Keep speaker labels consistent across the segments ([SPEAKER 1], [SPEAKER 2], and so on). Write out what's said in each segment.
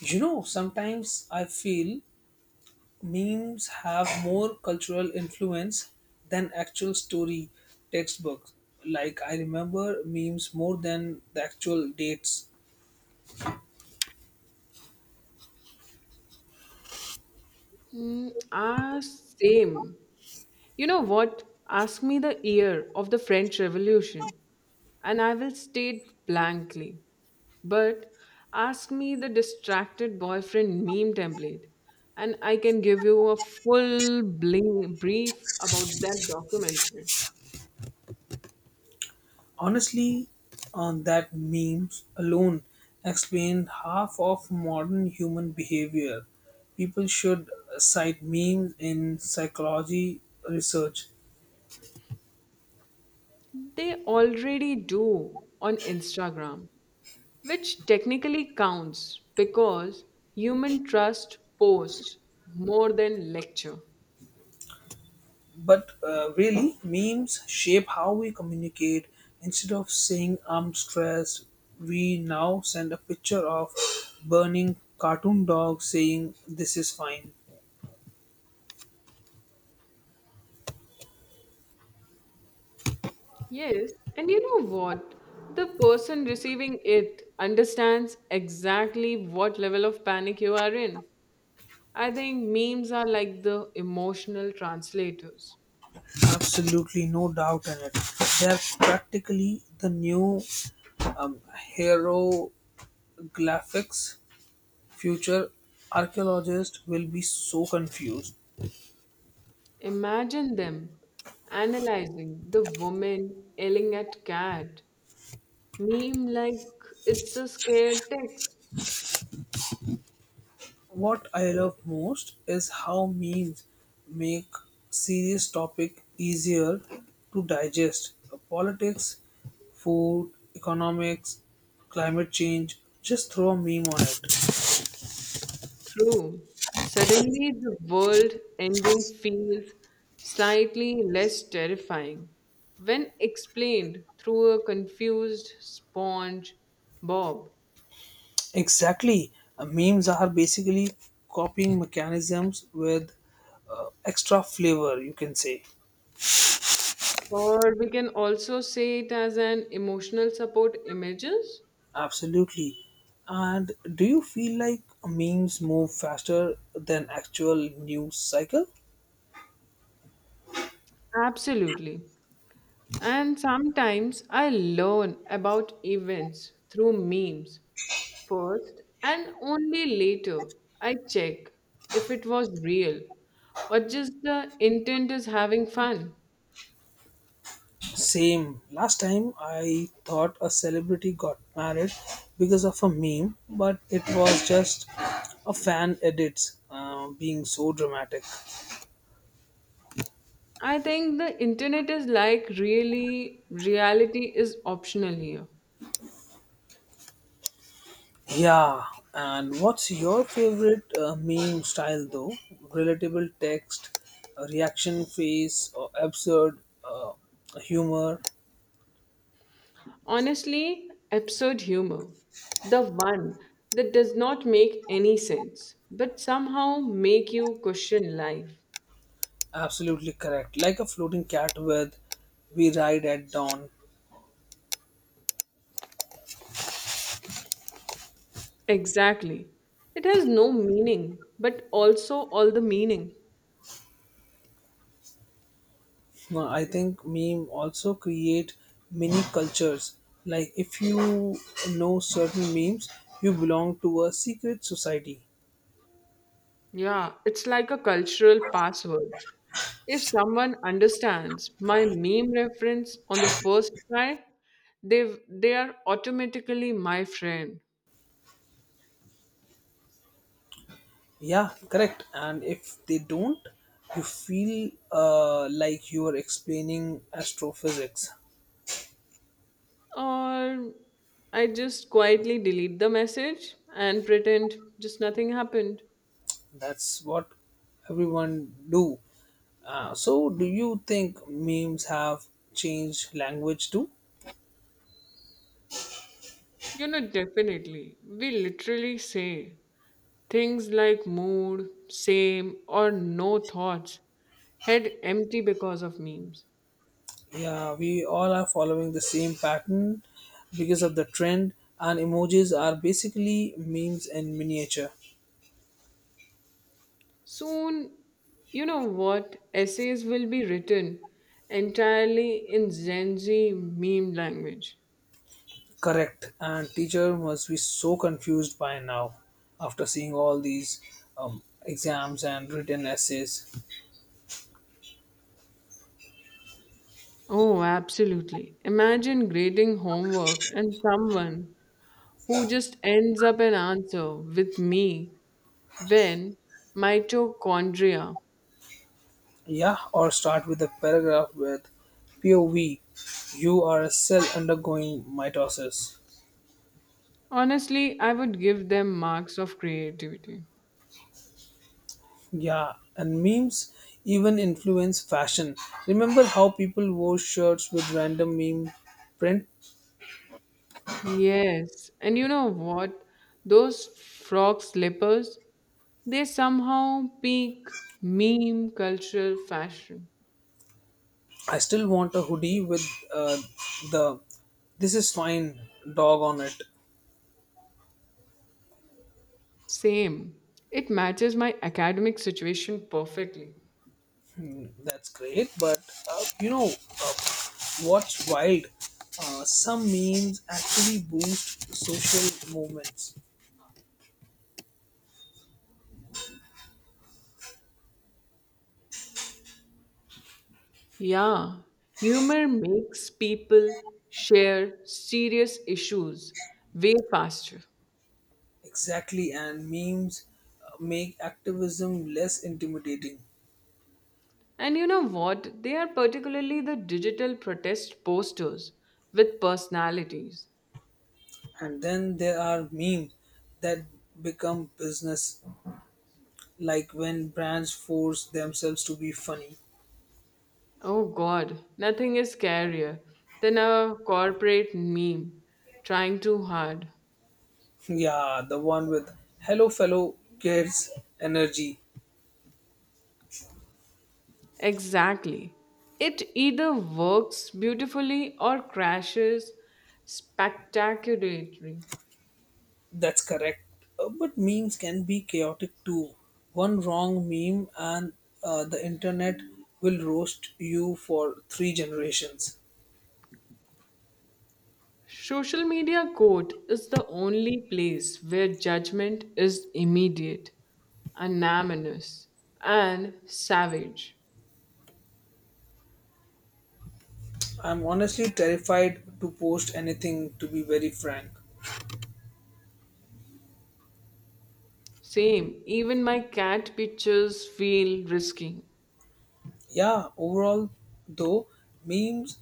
[SPEAKER 1] You know, sometimes I feel memes have more cultural influence than actual story textbooks. Like, I remember memes more than the actual dates.
[SPEAKER 2] Mm, ah, same. You know what? Ask me the year of the French Revolution, and I will state blankly. But ask me the distracted boyfriend meme template, and I can give you a full brief about that documentary.
[SPEAKER 1] Honestly, on that memes alone explain half of modern human behavior. People should cite memes in psychology research.
[SPEAKER 2] They already do on Instagram, which technically counts because human trust posts more than lecture.
[SPEAKER 1] But really, memes shape how we communicate. Instead of saying I'm stressed, we now send a picture of burning cartoon dog saying this is fine.
[SPEAKER 2] Yes, and you know what? The person receiving it understands exactly what level of panic you are in. I think memes are like the emotional translators.
[SPEAKER 1] Absolutely no doubt in it. They are practically the new um, hero. Future archaeologists will be so confused.
[SPEAKER 2] Imagine them analyzing the woman yelling at cat. Meme like it's a scared text.
[SPEAKER 1] What I love most is how memes make serious topic easier to digest. Politics, food, economics, climate change, just throw a meme on it.
[SPEAKER 2] True. Suddenly, the world ending feels slightly less terrifying when explained through a confused sponge bob.
[SPEAKER 1] Exactly. Memes are basically copying mechanisms with extra flavor, you can say.
[SPEAKER 2] Or we can also say it as an emotional support images.
[SPEAKER 1] Absolutely. And do you feel like memes move faster than actual news cycle?
[SPEAKER 2] Absolutely. And sometimes I learn about events through memes first, and only later I check if it was real or just the intent is having fun.
[SPEAKER 1] Same. Last time I thought a celebrity got married because of a meme, but it was just a fan edits being so dramatic.
[SPEAKER 2] I think the internet is like really, reality is optional here.
[SPEAKER 1] Yeah, and what's your favorite meme style though? Relatable text, a reaction face, or absurd uh, humor?
[SPEAKER 2] Honestly, absurd humor. The one that does not make any sense, but somehow make you question life.
[SPEAKER 1] Absolutely correct. Like a floating cat with "We Ride at Dawn."
[SPEAKER 2] Exactly. It has no meaning, but also all the meaning.
[SPEAKER 1] No, I think meme also create mini cultures. Like if you know certain memes, you belong to a secret society.
[SPEAKER 2] Yeah, it's like a cultural password. If someone understands my meme reference on the first try, they are automatically my friend.
[SPEAKER 1] Yeah, correct. And if they don't, you feel like you are explaining astrophysics.
[SPEAKER 2] Or I just quietly delete the message and pretend just nothing happened.
[SPEAKER 1] That's what everyone do. So, do you think memes have changed language too?
[SPEAKER 2] You know, definitely. We literally say things like mood, same, or no thoughts head empty because of memes.
[SPEAKER 1] Yeah, we all are following the same pattern because of the trend, and emojis are basically memes in miniature.
[SPEAKER 2] Soon, you know what? Essays will be written entirely in Gen Z meme language.
[SPEAKER 1] Correct, and teacher must be so confused by now after seeing all these exams and written essays.
[SPEAKER 2] Oh, absolutely. Imagine grading homework and someone who just ends up an answer with me when mitochondria.
[SPEAKER 1] Yeah, or start with a paragraph with POV, you are a cell undergoing mitosis.
[SPEAKER 2] Honestly, I would give them marks of creativity.
[SPEAKER 1] Yeah, and memes even influence fashion. Remember how people wore shirts with random meme print?
[SPEAKER 2] Yes, and you know what? Those frog slippers, they somehow peak meme cultural fashion.
[SPEAKER 1] I still want a hoodie with uh, the "This is fine" dog on it.
[SPEAKER 2] Same. It matches my academic situation perfectly.
[SPEAKER 1] Hmm. That's great, but uh, you know uh, what's wild? Some memes actually boost social movements.
[SPEAKER 2] Yeah, humor makes people share serious issues way faster.
[SPEAKER 1] Exactly, and memes make activism less intimidating.
[SPEAKER 2] And you know what? They are particularly the digital protest posters with personalities.
[SPEAKER 1] And then there are memes that become business, like when brands force themselves to be funny.
[SPEAKER 2] Oh God, nothing is scarier than a corporate meme trying too hard.
[SPEAKER 1] Yeah, the one with hello fellow kids energy.
[SPEAKER 2] Exactly. It either works beautifully or crashes spectacularly.
[SPEAKER 1] That's correct. But memes can be chaotic too. One wrong meme and the internet will roast you for three generations.
[SPEAKER 2] Social media court is the only place where judgment is immediate, anonymous, and savage.
[SPEAKER 1] I'm honestly terrified to post anything to be very frank.
[SPEAKER 2] Same, even my cat pictures feel risky.
[SPEAKER 1] Yeah, overall, though, memes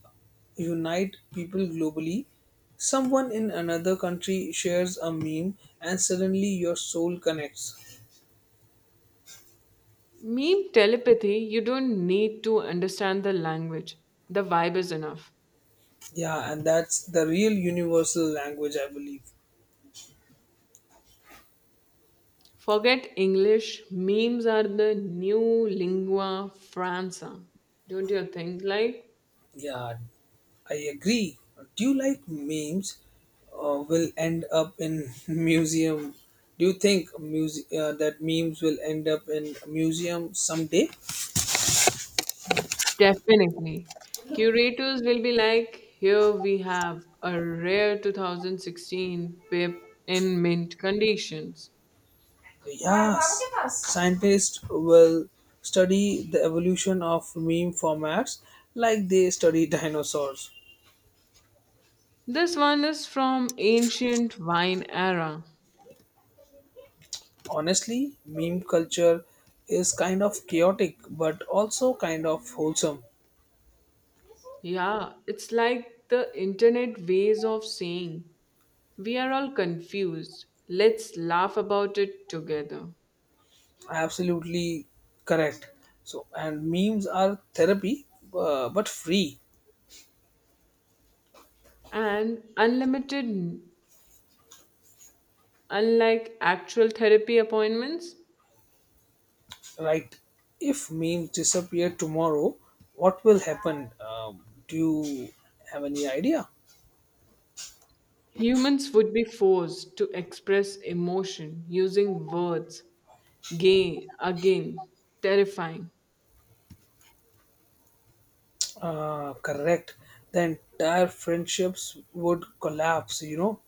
[SPEAKER 1] unite people globally. Someone in another country shares a meme, and suddenly your soul connects.
[SPEAKER 2] Meme telepathy, you don't need to understand the language. The vibe is enough.
[SPEAKER 1] Yeah, and that's the real universal language, I believe.
[SPEAKER 2] Forget English, memes are the new lingua franca. Don't you think? Like,
[SPEAKER 1] Yeah, I agree. Do you like memes? Will end up in museum. Do you think that memes will end up in a museum someday?
[SPEAKER 2] definitely. Curators will be like, here we have a rare 2016 pip in mint conditions.
[SPEAKER 1] Yes, scientists will study the evolution of meme formats like they study dinosaurs.
[SPEAKER 2] This one is from ancient wine era.
[SPEAKER 1] Honestly, meme culture is kind of chaotic but also kind of wholesome.
[SPEAKER 2] Yeah, it's like the internet ways of saying we are all confused. Let's laugh about it together.
[SPEAKER 1] Absolutely correct. So, and memes are therapy but free,
[SPEAKER 2] And unlimited, unlike actual therapy appointments,
[SPEAKER 1] right? If memes disappear tomorrow, what will happen? Do you have any idea?
[SPEAKER 2] humans would be forced to express emotion using words. Gay, again, terrifying.
[SPEAKER 1] Correct. The entire friendships would collapse, you know.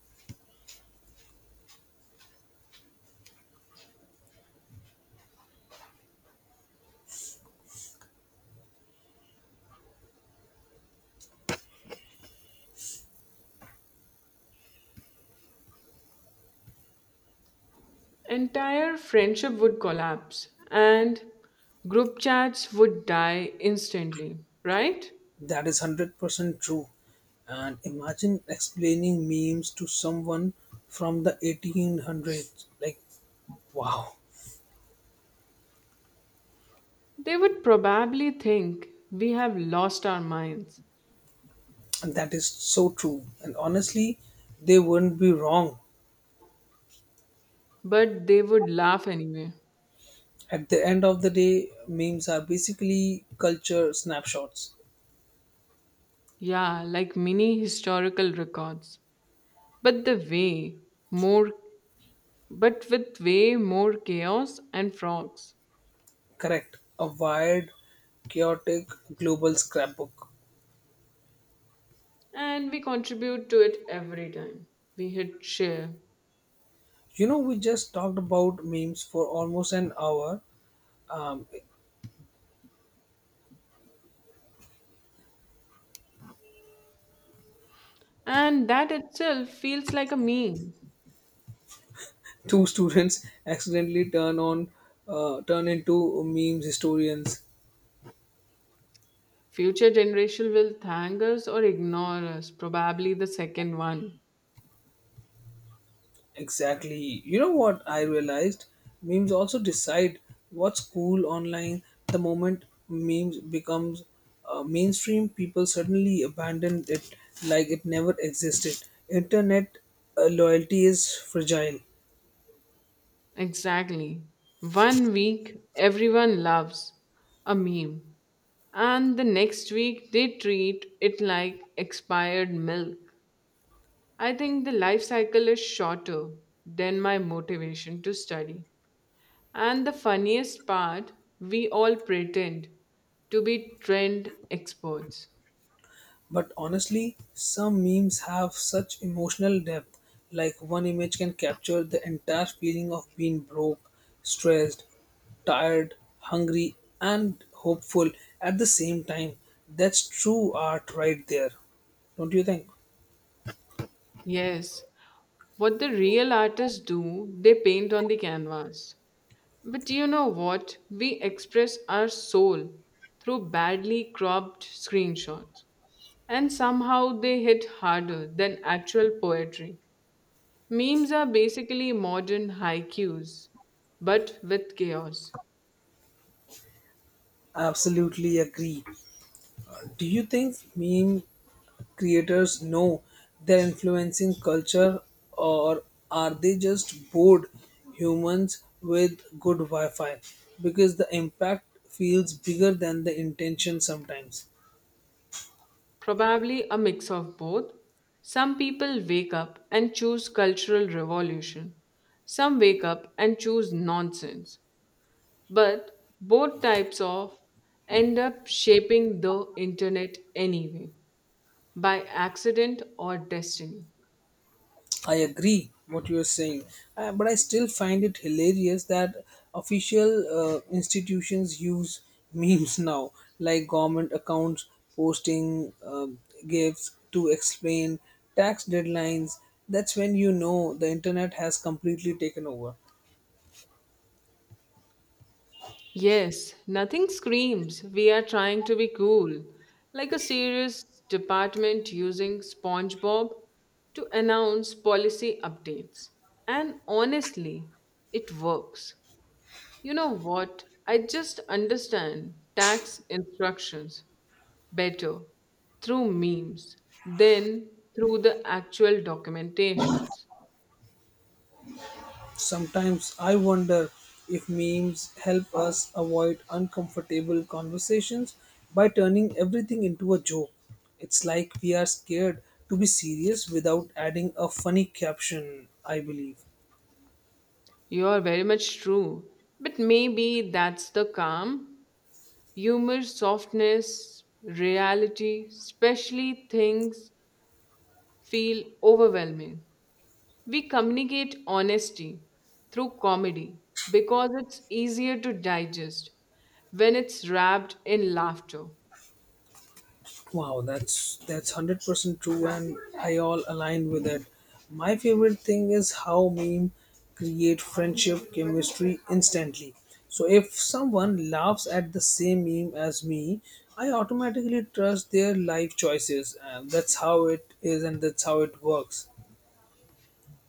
[SPEAKER 2] Entire friendship would collapse and group chats would die instantly, right?
[SPEAKER 1] That is 100% true. And imagine explaining memes to someone from the 1800s. Like, wow.
[SPEAKER 2] They would probably think we have lost our minds,
[SPEAKER 1] And that is so true. And honestly, they wouldn't be wrong.
[SPEAKER 2] but they would laugh anyway.
[SPEAKER 1] At the end of the day, memes are basically culture snapshots.
[SPEAKER 2] Yeah, like mini historical records. But the way more but with way more chaos and frogs.
[SPEAKER 1] Correct. A wired, chaotic global scrapbook.
[SPEAKER 2] And we contribute to it every time. We hit share.
[SPEAKER 1] You know, we just talked about memes for almost an hour. Um,
[SPEAKER 2] And that itself feels like a meme.
[SPEAKER 1] Two students accidentally turn on, turn into memes historians.
[SPEAKER 2] Future generation will thank us or ignore us, probably the second one.
[SPEAKER 1] Exactly. You know what I realized? Memes also decide what's cool online. The moment memes becomes mainstream, people suddenly abandon it like it never existed. Internet loyalty is fragile.
[SPEAKER 2] Exactly. One week, everyone loves a meme, and the next week, they treat it like expired milk. I think the life cycle is shorter than my motivation to study. And the funniest part, we all pretend to be trend experts.
[SPEAKER 1] But honestly, some memes have such emotional depth, like one image can capture the entire feeling of being broke, stressed, tired, hungry, and hopeful at the same time. That's true art right there. Don't you think?
[SPEAKER 2] Yes, what the real artists do, they paint on the canvas. But you know what? We express our soul through badly cropped screenshots, and somehow they hit harder than actual poetry. Memes are basically modern haikus, but with chaos.
[SPEAKER 1] Absolutely agree. Do you think meme creators know they're influencing culture or are they just bored humans with good Wi Fi? Because the impact feels bigger than the intention sometimes.
[SPEAKER 2] Probably a mix of both. Some people wake up and choose cultural revolution, some wake up and choose nonsense. But both types of end up shaping the internet anyway, by accident or destiny.
[SPEAKER 1] I agree what you are saying, but I still find it hilarious that official institutions use memes now, like government accounts posting gifts to explain tax deadlines. That's when you know the internet has completely taken over.
[SPEAKER 2] Yes, nothing screams we are trying to be cool, like a serious department using SpongeBob to announce policy updates. And honestly, it works. You know what? I just understand tax instructions better through memes than through the actual documentations.
[SPEAKER 1] Sometimes I wonder if memes help us avoid uncomfortable conversations by turning everything into a joke. It's like we are scared to be serious without adding a funny caption, I believe.
[SPEAKER 2] You are very much true. But maybe that's the calm, humor, softness, reality, especially things feel overwhelming. We communicate honesty through comedy because it's easier to digest when it's wrapped in laughter.
[SPEAKER 1] Wow, that's 100% true, and I all align with it. My favorite thing is how meme create friendship chemistry instantly. So if someone laughs at the same meme as me, I automatically trust their life choices, and that's how it is, and that's how it works.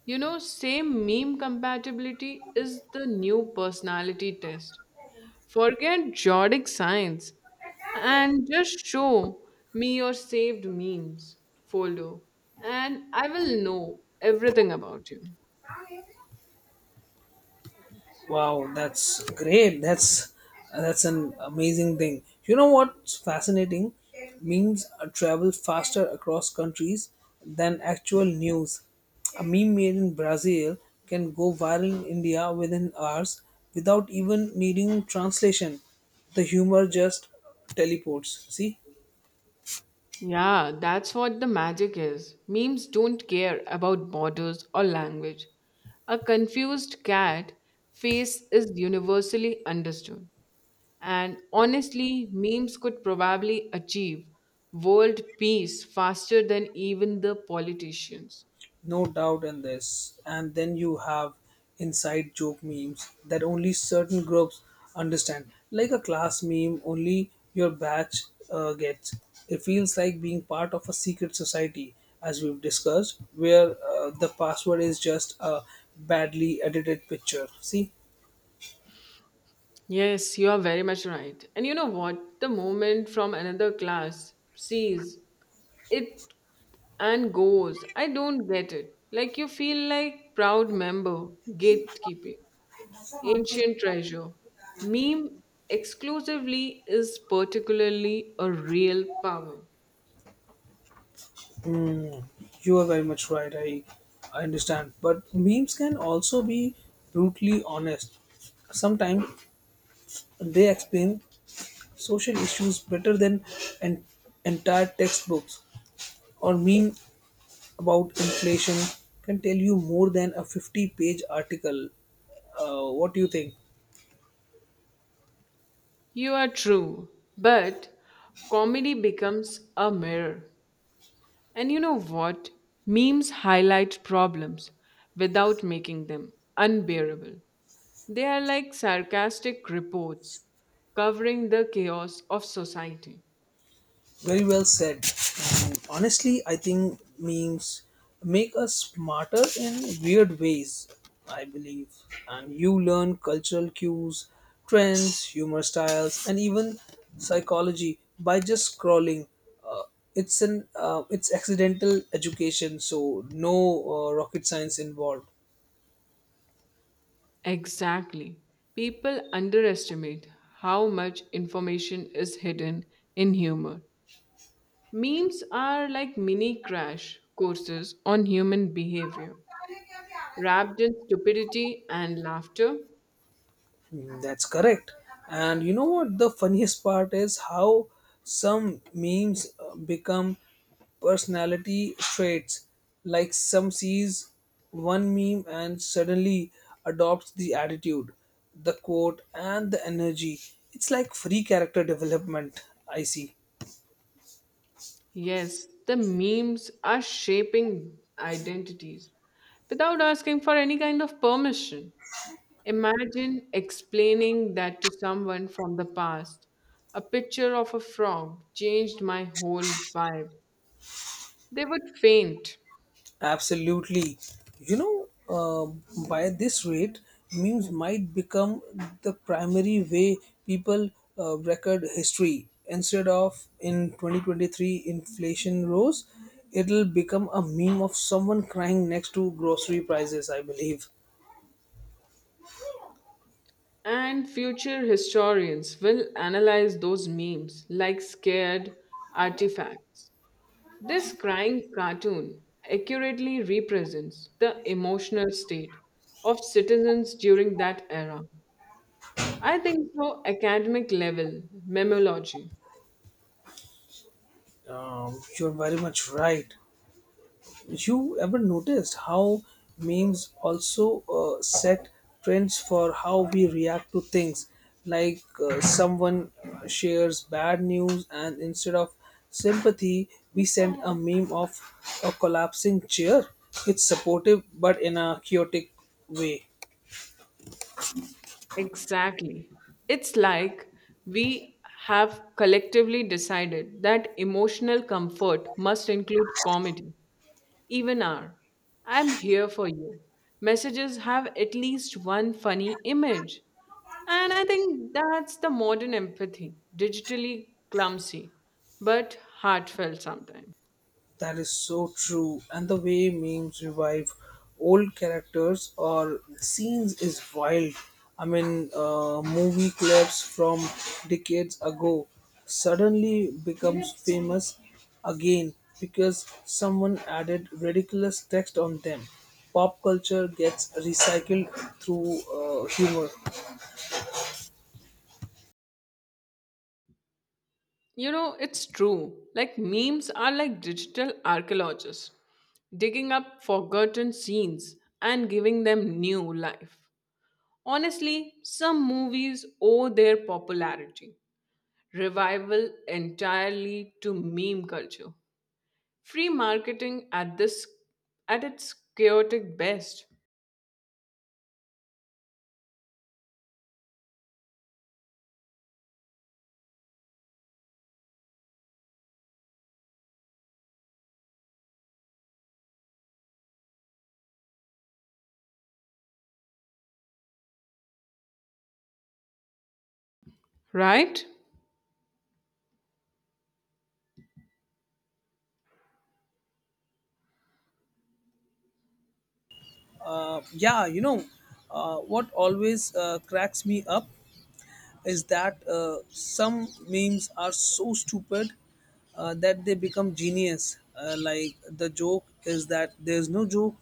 [SPEAKER 2] You know, same meme compatibility is the new personality test. Forget Jordic science and just show me your saved memes folder and I will know everything about you.
[SPEAKER 1] Wow, that's great. That's an amazing thing. You know what's fascinating? Memes travel faster across countries than actual news. A meme made in Brazil can go viral in India within hours without even needing translation. The humor just teleports. See?
[SPEAKER 2] Yeah, that's what the magic is. Memes don't care about borders or language. A confused cat face is universally understood. And honestly, memes could probably achieve world peace faster than even the politicians.
[SPEAKER 1] No doubt in this. And then you have inside joke memes that only certain groups understand. Like a class meme, only your batch gets. It feels like being part of a secret society, as we've discussed, where the password is just a badly edited picture. See?
[SPEAKER 2] Yes, you are very much right. And you know what? The moment from another class sees it and goes, I don't get it. Like you feel like proud member, gatekeeping, ancient treasure. Meme exclusively is particularly a real power.
[SPEAKER 1] Mm, you are very much right. I understand. But memes can also be brutally honest sometimes they explain social issues better than an entire textbooks or meme about inflation can tell you more than a 50-page article. What do you think?
[SPEAKER 2] You are true, but comedy becomes a mirror. And you know what? Memes highlight problems without making them unbearable. They are like sarcastic reports covering the chaos of society.
[SPEAKER 1] Very well said. And honestly, I think memes make us smarter in weird ways, I believe. And you learn cultural cues, trends, humor styles, and even psychology by just scrolling. Uh, it's accidental education, so no rocket science involved.
[SPEAKER 2] Exactly. People underestimate how much information is hidden in humor. Memes are like mini crash courses on human behavior, wrapped in stupidity and laughter.
[SPEAKER 1] Mm. That's correct. And you know what the funniest part is how some memes become personality traits. Like some sees one meme and suddenly adopts the attitude, the quote, and the energy. It's like free character development, I see.
[SPEAKER 2] Yes, the memes are shaping identities without asking for any kind of permission. Imagine explaining that to someone from the past. A picture of a frog changed my whole vibe. They would faint.
[SPEAKER 1] Absolutely. You know, by this rate, memes might become the primary way people record history. Instead of in 2023 inflation rose, it'll become a meme of someone crying next to grocery prices, I believe.
[SPEAKER 2] And future historians will analyze those memes like scared artifacts. This crying cartoon accurately represents the emotional state of citizens during that era. I think so, academic level, memology.
[SPEAKER 1] You're very much right. You ever noticed how memes also set trends for how we react to things like someone shares bad news and instead of sympathy we send a meme of a collapsing chair. It's supportive but in a chaotic way.
[SPEAKER 2] Exactly. It's like we have collectively decided that emotional comfort must include comedy. Even are. I'm here for you. Messages have at least one funny image. And I think that's the modern empathy, digitally clumsy, but heartfelt sometimes.
[SPEAKER 1] That is so true. And the way memes revive old characters or scenes is wild. I mean, movie clips from decades ago suddenly becomes famous again because someone added ridiculous text on them. Pop culture gets recycled through humor.
[SPEAKER 2] You know, it's true. Like memes are like digital archaeologists, digging up forgotten scenes and giving them new life. Honestly, some movies owe their popularity revival entirely to meme culture. Free marketing at this at its chaotic best, right?
[SPEAKER 1] Yeah, you know, what always cracks me up is that some memes are so stupid that they become genius. Like the joke is that there's no joke,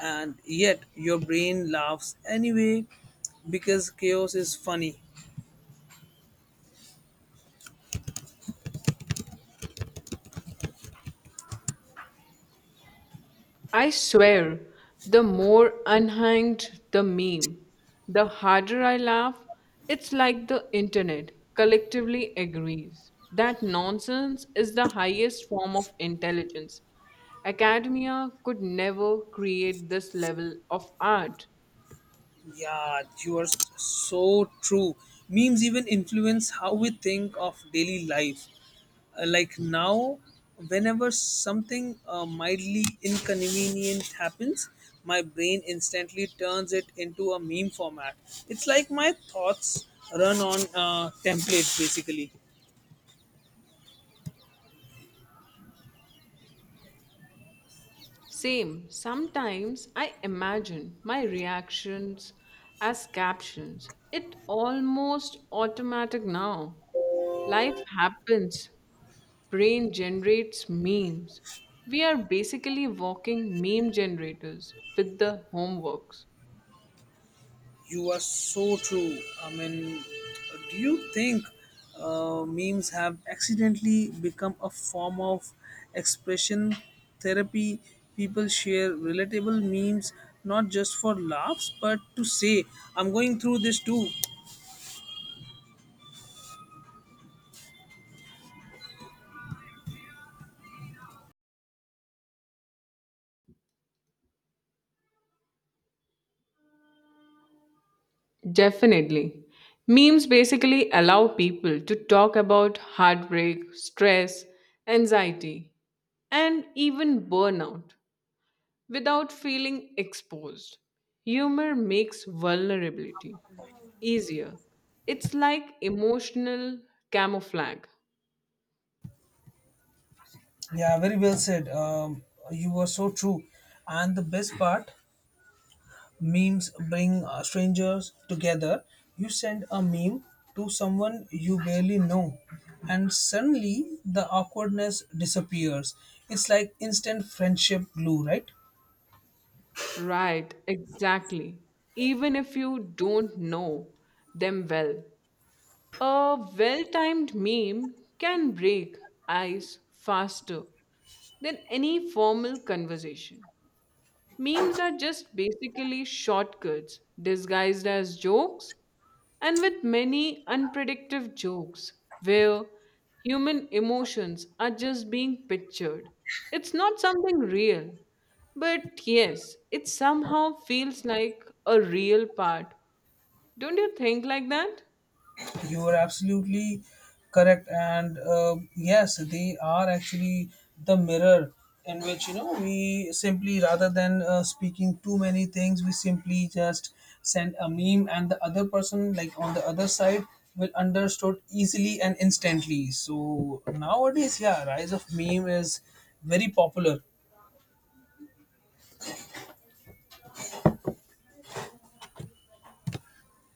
[SPEAKER 1] and yet your brain laughs anyway because chaos is funny.
[SPEAKER 2] I swear, the more unhanged the meme, the harder I laugh. It's like the internet collectively agrees that nonsense is the highest form of intelligence. Academia could never create this level of art.
[SPEAKER 1] Yeah, you are so true. Memes even influence how we think of daily life. Like now, whenever something mildly inconvenient happens, my brain instantly turns it into a meme format. It's like my thoughts run on templates basically.
[SPEAKER 2] Same. Sometimes I imagine my reactions as captions. It almost automatic now. Life happens. Brain generates memes. We are basically walking meme generators with the homeworks.
[SPEAKER 1] You are so true. I mean, do you think memes have accidentally become a form of expression therapy? People share relatable memes not just for laughs but to say, I'm going through this too.
[SPEAKER 2] Definitely. Memes basically allow people to talk about heartbreak, stress, anxiety, and even burnout without feeling exposed. Humor makes vulnerability easier. It's like emotional camouflage.
[SPEAKER 1] Yeah, very well said. You were so true. And the best part, memes bring strangers together. You send a meme to someone you barely know, and suddenly the awkwardness disappears. It's like instant friendship glue, right?
[SPEAKER 2] Right, exactly. Even if you don't know them well, a well timed meme can break ice faster than any formal conversation. Memes are just basically shortcuts disguised as jokes and with many unpredictable jokes where human emotions are just being pictured. It's not something real, but yes, it somehow feels like a real part. Don't you think like that?
[SPEAKER 1] You are absolutely correct, and yes, they are actually the mirror in which you know we simply rather than speaking too many things, we simply just send a meme, and the other person, like on the other side, will understood easily and instantly. So nowadays, yeah, rise of meme is very popular.